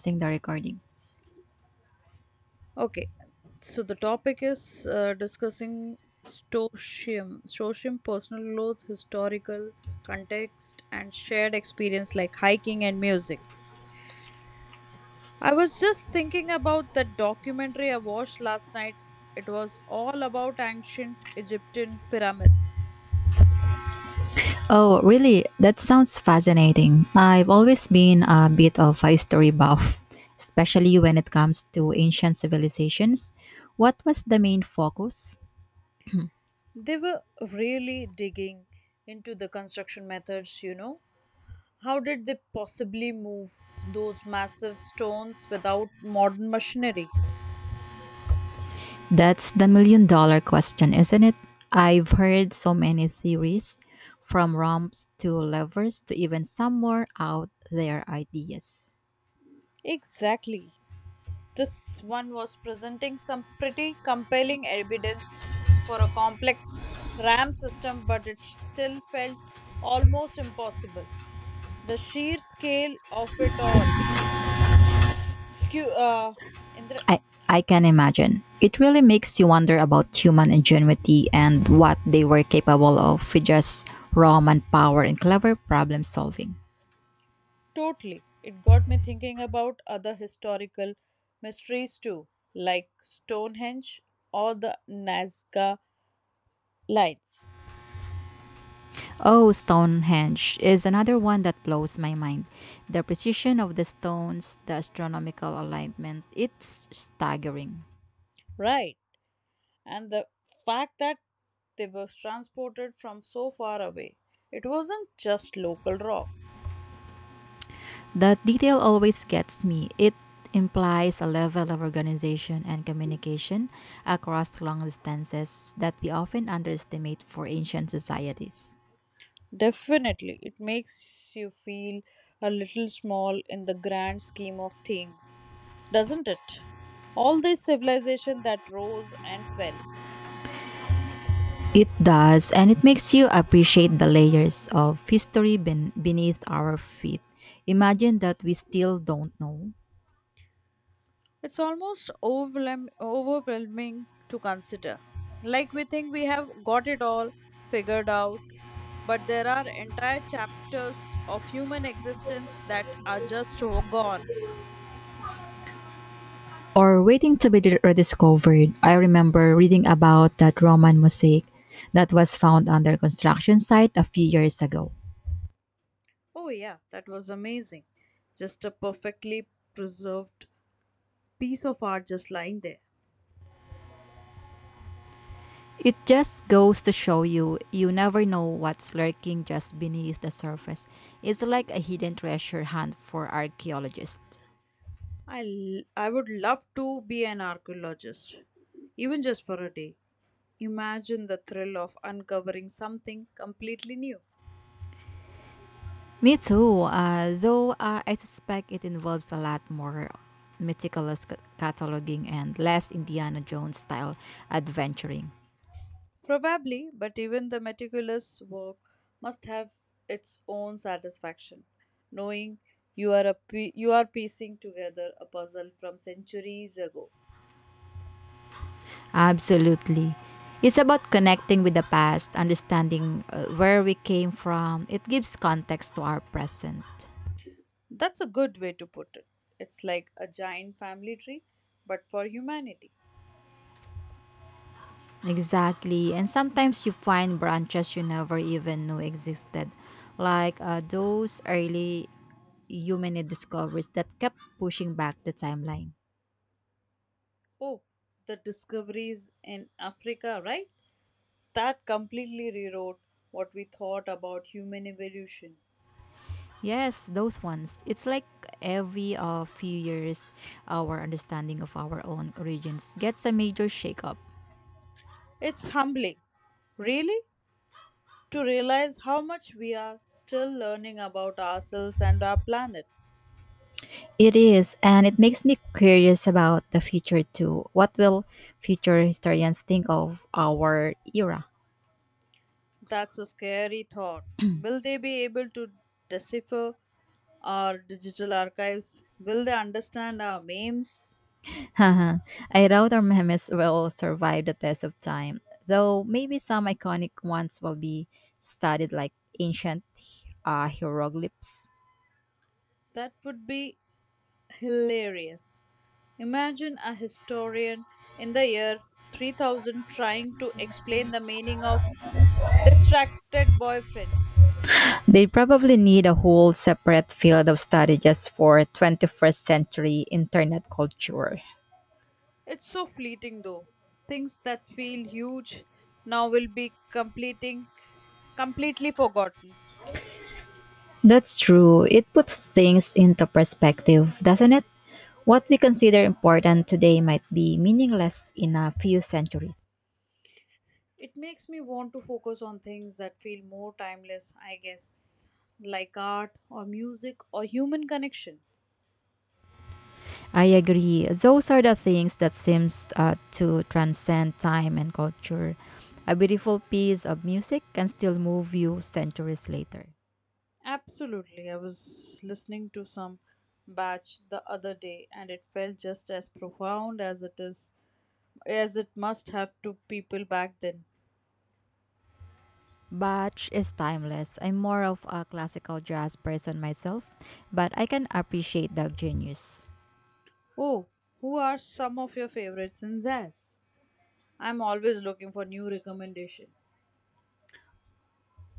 Pausing the recording. Okay, so the topic is discussing Stoicism, personal growth, historical context, and shared experience like hiking and music. I was just thinking about that documentary I watched last night. It was all about ancient Egyptian pyramids. Oh, really? That sounds fascinating. I've always been a bit of a history buff, especially when it comes to ancient civilizations. What was the main focus? They were really digging into the construction methods, How did they possibly move those massive stones without modern machinery? That's the million dollar question, isn't it? I've heard so many theories, from romps to levers to even some more out there ideas. Exactly. This one was presenting some pretty compelling evidence for a complex RAM system, but it still felt almost impossible. The sheer scale of it all. Skew, Indra, I, I can imagine. It really makes you wonder about human ingenuity and what they were capable of with just raw manpower and clever problem solving. totally. It got me thinking about other historical mysteries too, like Stonehenge or the Nazca Lines. Oh, Stonehenge is another one that blows my mind. The precision of the stones, the astronomical alignment, it's staggering. Right, and the fact that they were transported from so far away. It wasn't just local rock. That detail always gets me. It implies a level of organization and communication across long distances that we often underestimate for ancient societies. Definitely, it makes you feel a little small in the grand scheme of things, doesn't it? All this civilization that rose and fell. It does, and it makes you appreciate the layers of history beneath our feet. Imagine that we still don't know. It's almost overwhelming to consider. Like we think we have got it all figured out, but there are entire chapters of human existence that are just gone. Or waiting to be rediscovered. I remember reading about that Roman mosaic that was found under construction site a few years ago. Oh, yeah, that was amazing. Just a perfectly preserved piece of art just lying there. It just goes to show you, you never know what's lurking just beneath the surface. It's like a hidden treasure hunt for archaeologists. I would love to be an archaeologist, even just for a day. Imagine the thrill of uncovering something completely new. Me too, though I suspect it involves a lot more meticulous cataloging and less Indiana Jones style adventuring. Probably, but even the meticulous work must have its own satisfaction, knowing you are piecing together a puzzle from centuries ago. Absolutely. It's about connecting with the past, understanding where we came from. It gives context to our present. That's a good way to put it. It's like a giant family tree, but for humanity. Exactly. And sometimes you find branches you never even knew existed, like those early human discoveries that kept pushing back the timeline. Oh, the discoveries in Africa, right? That completely rewrote what we thought about human evolution. Yes, those ones. It's like every few years, our understanding of our own origins gets a major shakeup. It's humbling. Really? To realize how much we are still learning about ourselves and our planet. It is, and it makes me curious about the future too. What will future historians think of our era? That's a scary thought. Will they be able to decipher our digital archives? Will they understand our memes? I doubt our memes will survive the test of time, though maybe some iconic ones will be studied like ancient hieroglyphs. That would be hilarious. Imagine a historian in the year 3000 trying to explain the meaning of distracted boyfriend. They probably need a whole separate field of study just for 21st century internet culture. It's so fleeting though. Things that feel huge now will be completing completely forgotten. That's true. It puts things into perspective, doesn't it? What we consider important today might be meaningless in a few centuries. It makes me want to focus on things that feel more timeless, I guess, like art or music or human connection. I agree. Those are the things that seems to transcend time and culture. A beautiful piece of music can still move you centuries later. Absolutely. I was listening to some batch the other day and it felt just as profound as it is as it must have to people back then. Bach is timeless. I'm more of a classical jazz person myself, but I can appreciate the genius. Oh, who are some of your favorites in jazz? I'm always looking for new recommendations.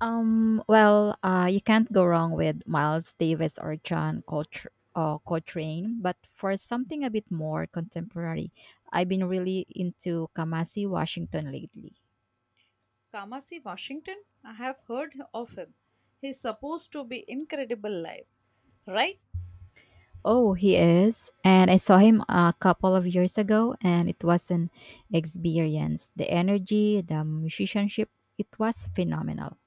Well, you can't go wrong with Miles Davis or John Coltrane, but for something a bit more contemporary, I've been really into Kamasi Washington lately. Kamasi Washington, I have heard of him. He's supposed to be incredible live, right? Oh, he is. And I saw him a couple of years ago, and it was an experience. The energy, the musicianship, it was phenomenal.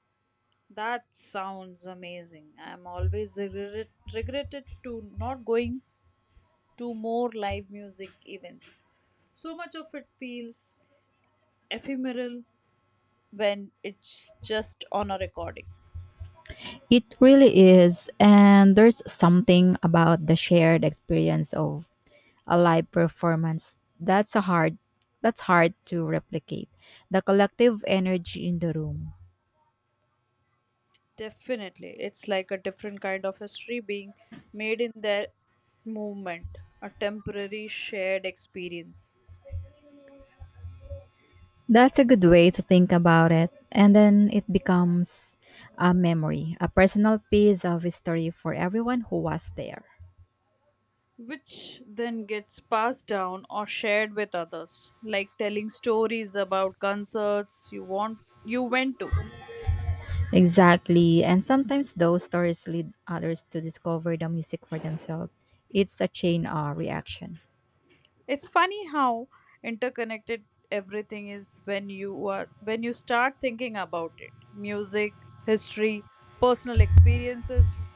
That sounds amazing. Regretted to not going to more live music events. So much of it feels ephemeral when it's just on a recording. It really is. And there's something about the shared experience of a live performance that's hard to replicate. The collective energy in the room. Definitely. It's like a different kind of history being made in that movement, a temporary shared experience, That's a good way to think about it. And then it becomes a memory, a personal piece of history for everyone who was there. which then gets passed down or shared with others, like telling stories about concerts you went to. Exactly. And sometimes those stories lead others to discover the music for themselves. It's a chain reaction. It's funny how interconnected everything is when you start thinking about it. Music, history, personal experiences.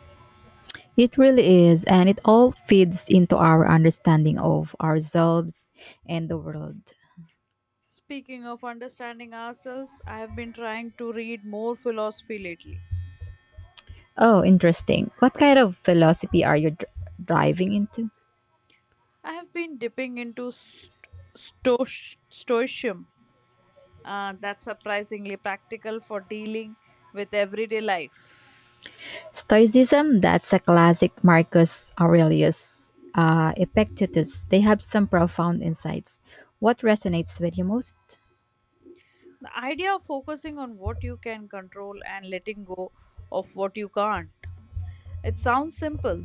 It really is. And it all feeds into our understanding of ourselves and the world. Speaking of understanding ourselves, I have been trying to read more philosophy lately. Oh, interesting. What kind of philosophy are you driving into? I have been dipping into stoicism, that's surprisingly practical for dealing with everyday life. Stoicism, that's a classic Marcus Aurelius, Epictetus. They have some profound insights. What resonates with you most? The idea of focusing on what you can control and letting go of what you can't. It sounds simple,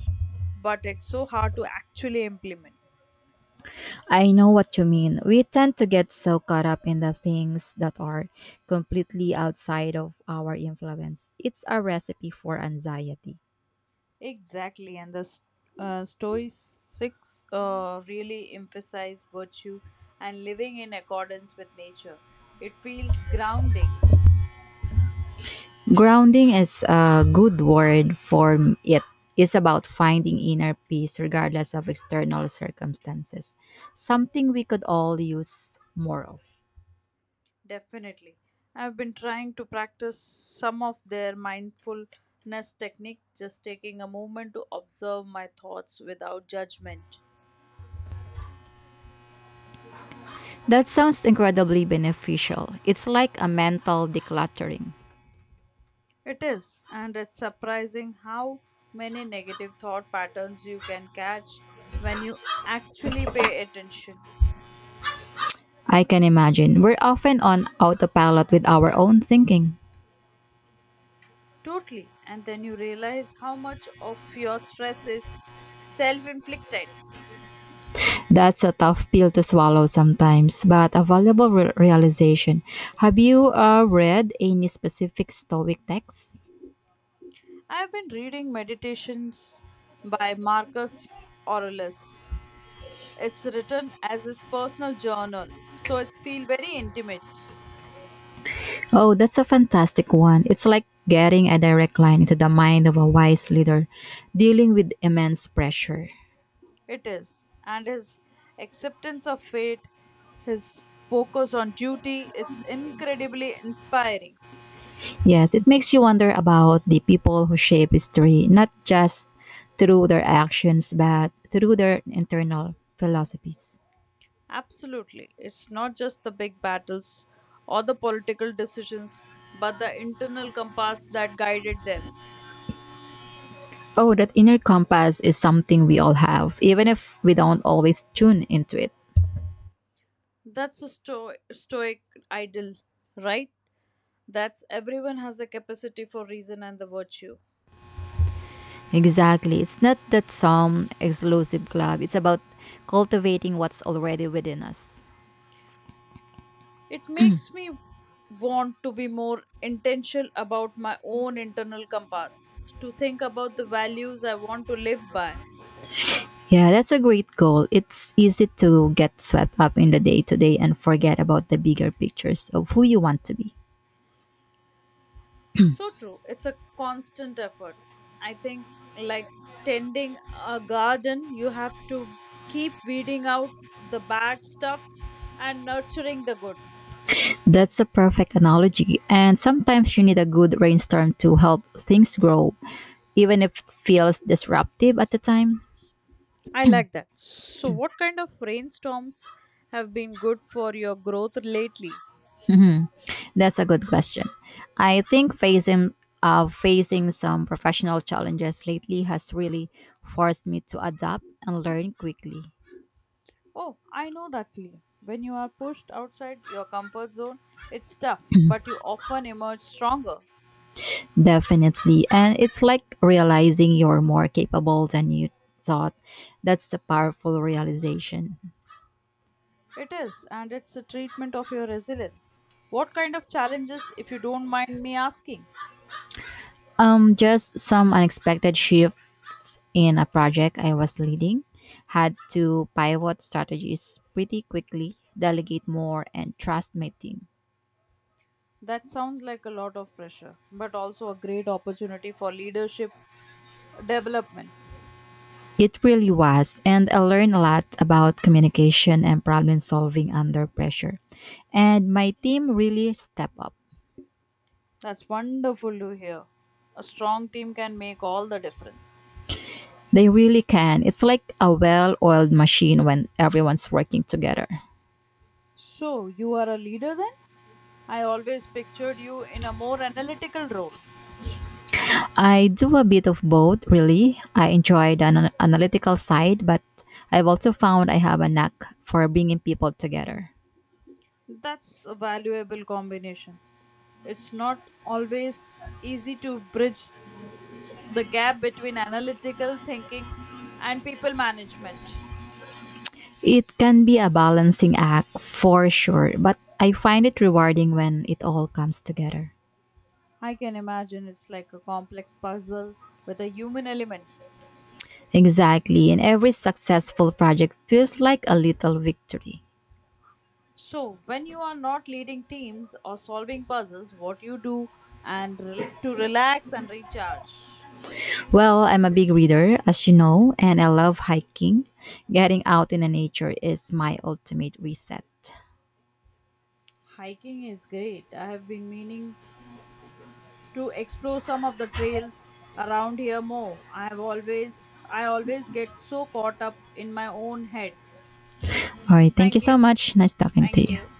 but it's so hard to actually implement. I know what you mean. We tend to get so caught up in the things that are completely outside of our influence. It's a recipe for anxiety. Exactly, and Stoics really emphasize virtue and living in accordance with nature. It feels grounding, Grounding is a good word for it. It's about finding inner peace regardless of external circumstances, something we could all use more of. definitely. I've been trying to practice some of their mindfulness technique, just taking a moment to observe my thoughts without judgment. That sounds incredibly beneficial. It's like a mental decluttering. It is, and it's surprising how many negative thought patterns you can catch when you actually pay attention. I can imagine. We're often on autopilot with our own thinking. Totally. And then you realize how much of your stress is self inflicted. That's a tough pill to swallow sometimes, but a valuable realization. Have you read any specific Stoic texts? I've been reading Meditations by Marcus Aurelius. It's written as his personal journal, so it's feel very intimate. Oh, that's a fantastic one. It's like getting a direct line into the mind of a wise leader dealing with immense pressure. It is. And his acceptance of fate, his focus on duty, it's incredibly inspiring. Yes, it makes you wonder about the people who shape history, not just through their actions, but through their internal philosophies. Absolutely. It's not just the big battles or the political decisions, but the internal compass that guided them. Oh, that inner compass is something we all have, even if we don't always tune into it. Stoic ideal, right? That's everyone has the capacity for reason and the virtue. Exactly. It's not that some exclusive club, it's about cultivating what's already within us. It makes me want to be more intentional about my own internal compass, to think about the values I want to live by. Yeah, that's a great goal. It's easy to get swept up in the day to day and forget about the bigger pictures of who you want to be. So true. It's a constant effort. I think, like tending a garden, you have to keep weeding out the bad stuff and nurturing the good. That's a perfect analogy. And sometimes you need a good rainstorm to help things grow, even if it feels disruptive at the time. I like that. So, what kind of rainstorms have been good for your growth lately? That's a good question. I think facing some professional challenges lately has really forced me to adapt and learn quickly. Oh, I know that feeling. When you are pushed outside your comfort zone, it's tough, but you often emerge stronger. Definitely. And it's like realizing you're more capable than you thought. That's a powerful realization. It is, and it's a treatment of your resilience. What kind of challenges, if you don't mind me asking? Just some unexpected shifts in a project I was leading. Had to pivot strategies pretty quickly, delegate more, and trust my team. That sounds like a lot of pressure, but also a great opportunity for leadership development. It really was, and I learned a lot about communication and problem solving under pressure. And my team really step up. That's wonderful to hear. A strong team can make all the difference. They really can. It's like a well oiled machine when everyone's working together. So, you are a leader then? I always pictured you in a more analytical role. I do a bit of both, really. I enjoy the analytical side, but I've also found I have a knack for bringing people together. That's a valuable combination. It's not always easy to bridge the gap between analytical thinking and people management. It can be a balancing act for sure, but I find it rewarding when it all comes together. I can imagine it's like a complex puzzle with a human element. Exactly, and every successful project feels like a little victory. So, when you are not leading teams or solving puzzles, what you do and relax and recharge? Well, I'm a big reader, as you know, and I love hiking. Getting out in the nature is my ultimate reset. Hiking is great. I have been meaning to explore some of the trails around here more. I always get so caught up in my own head. All right, thank you Thank so you. much. Nice talking to Thank you. you.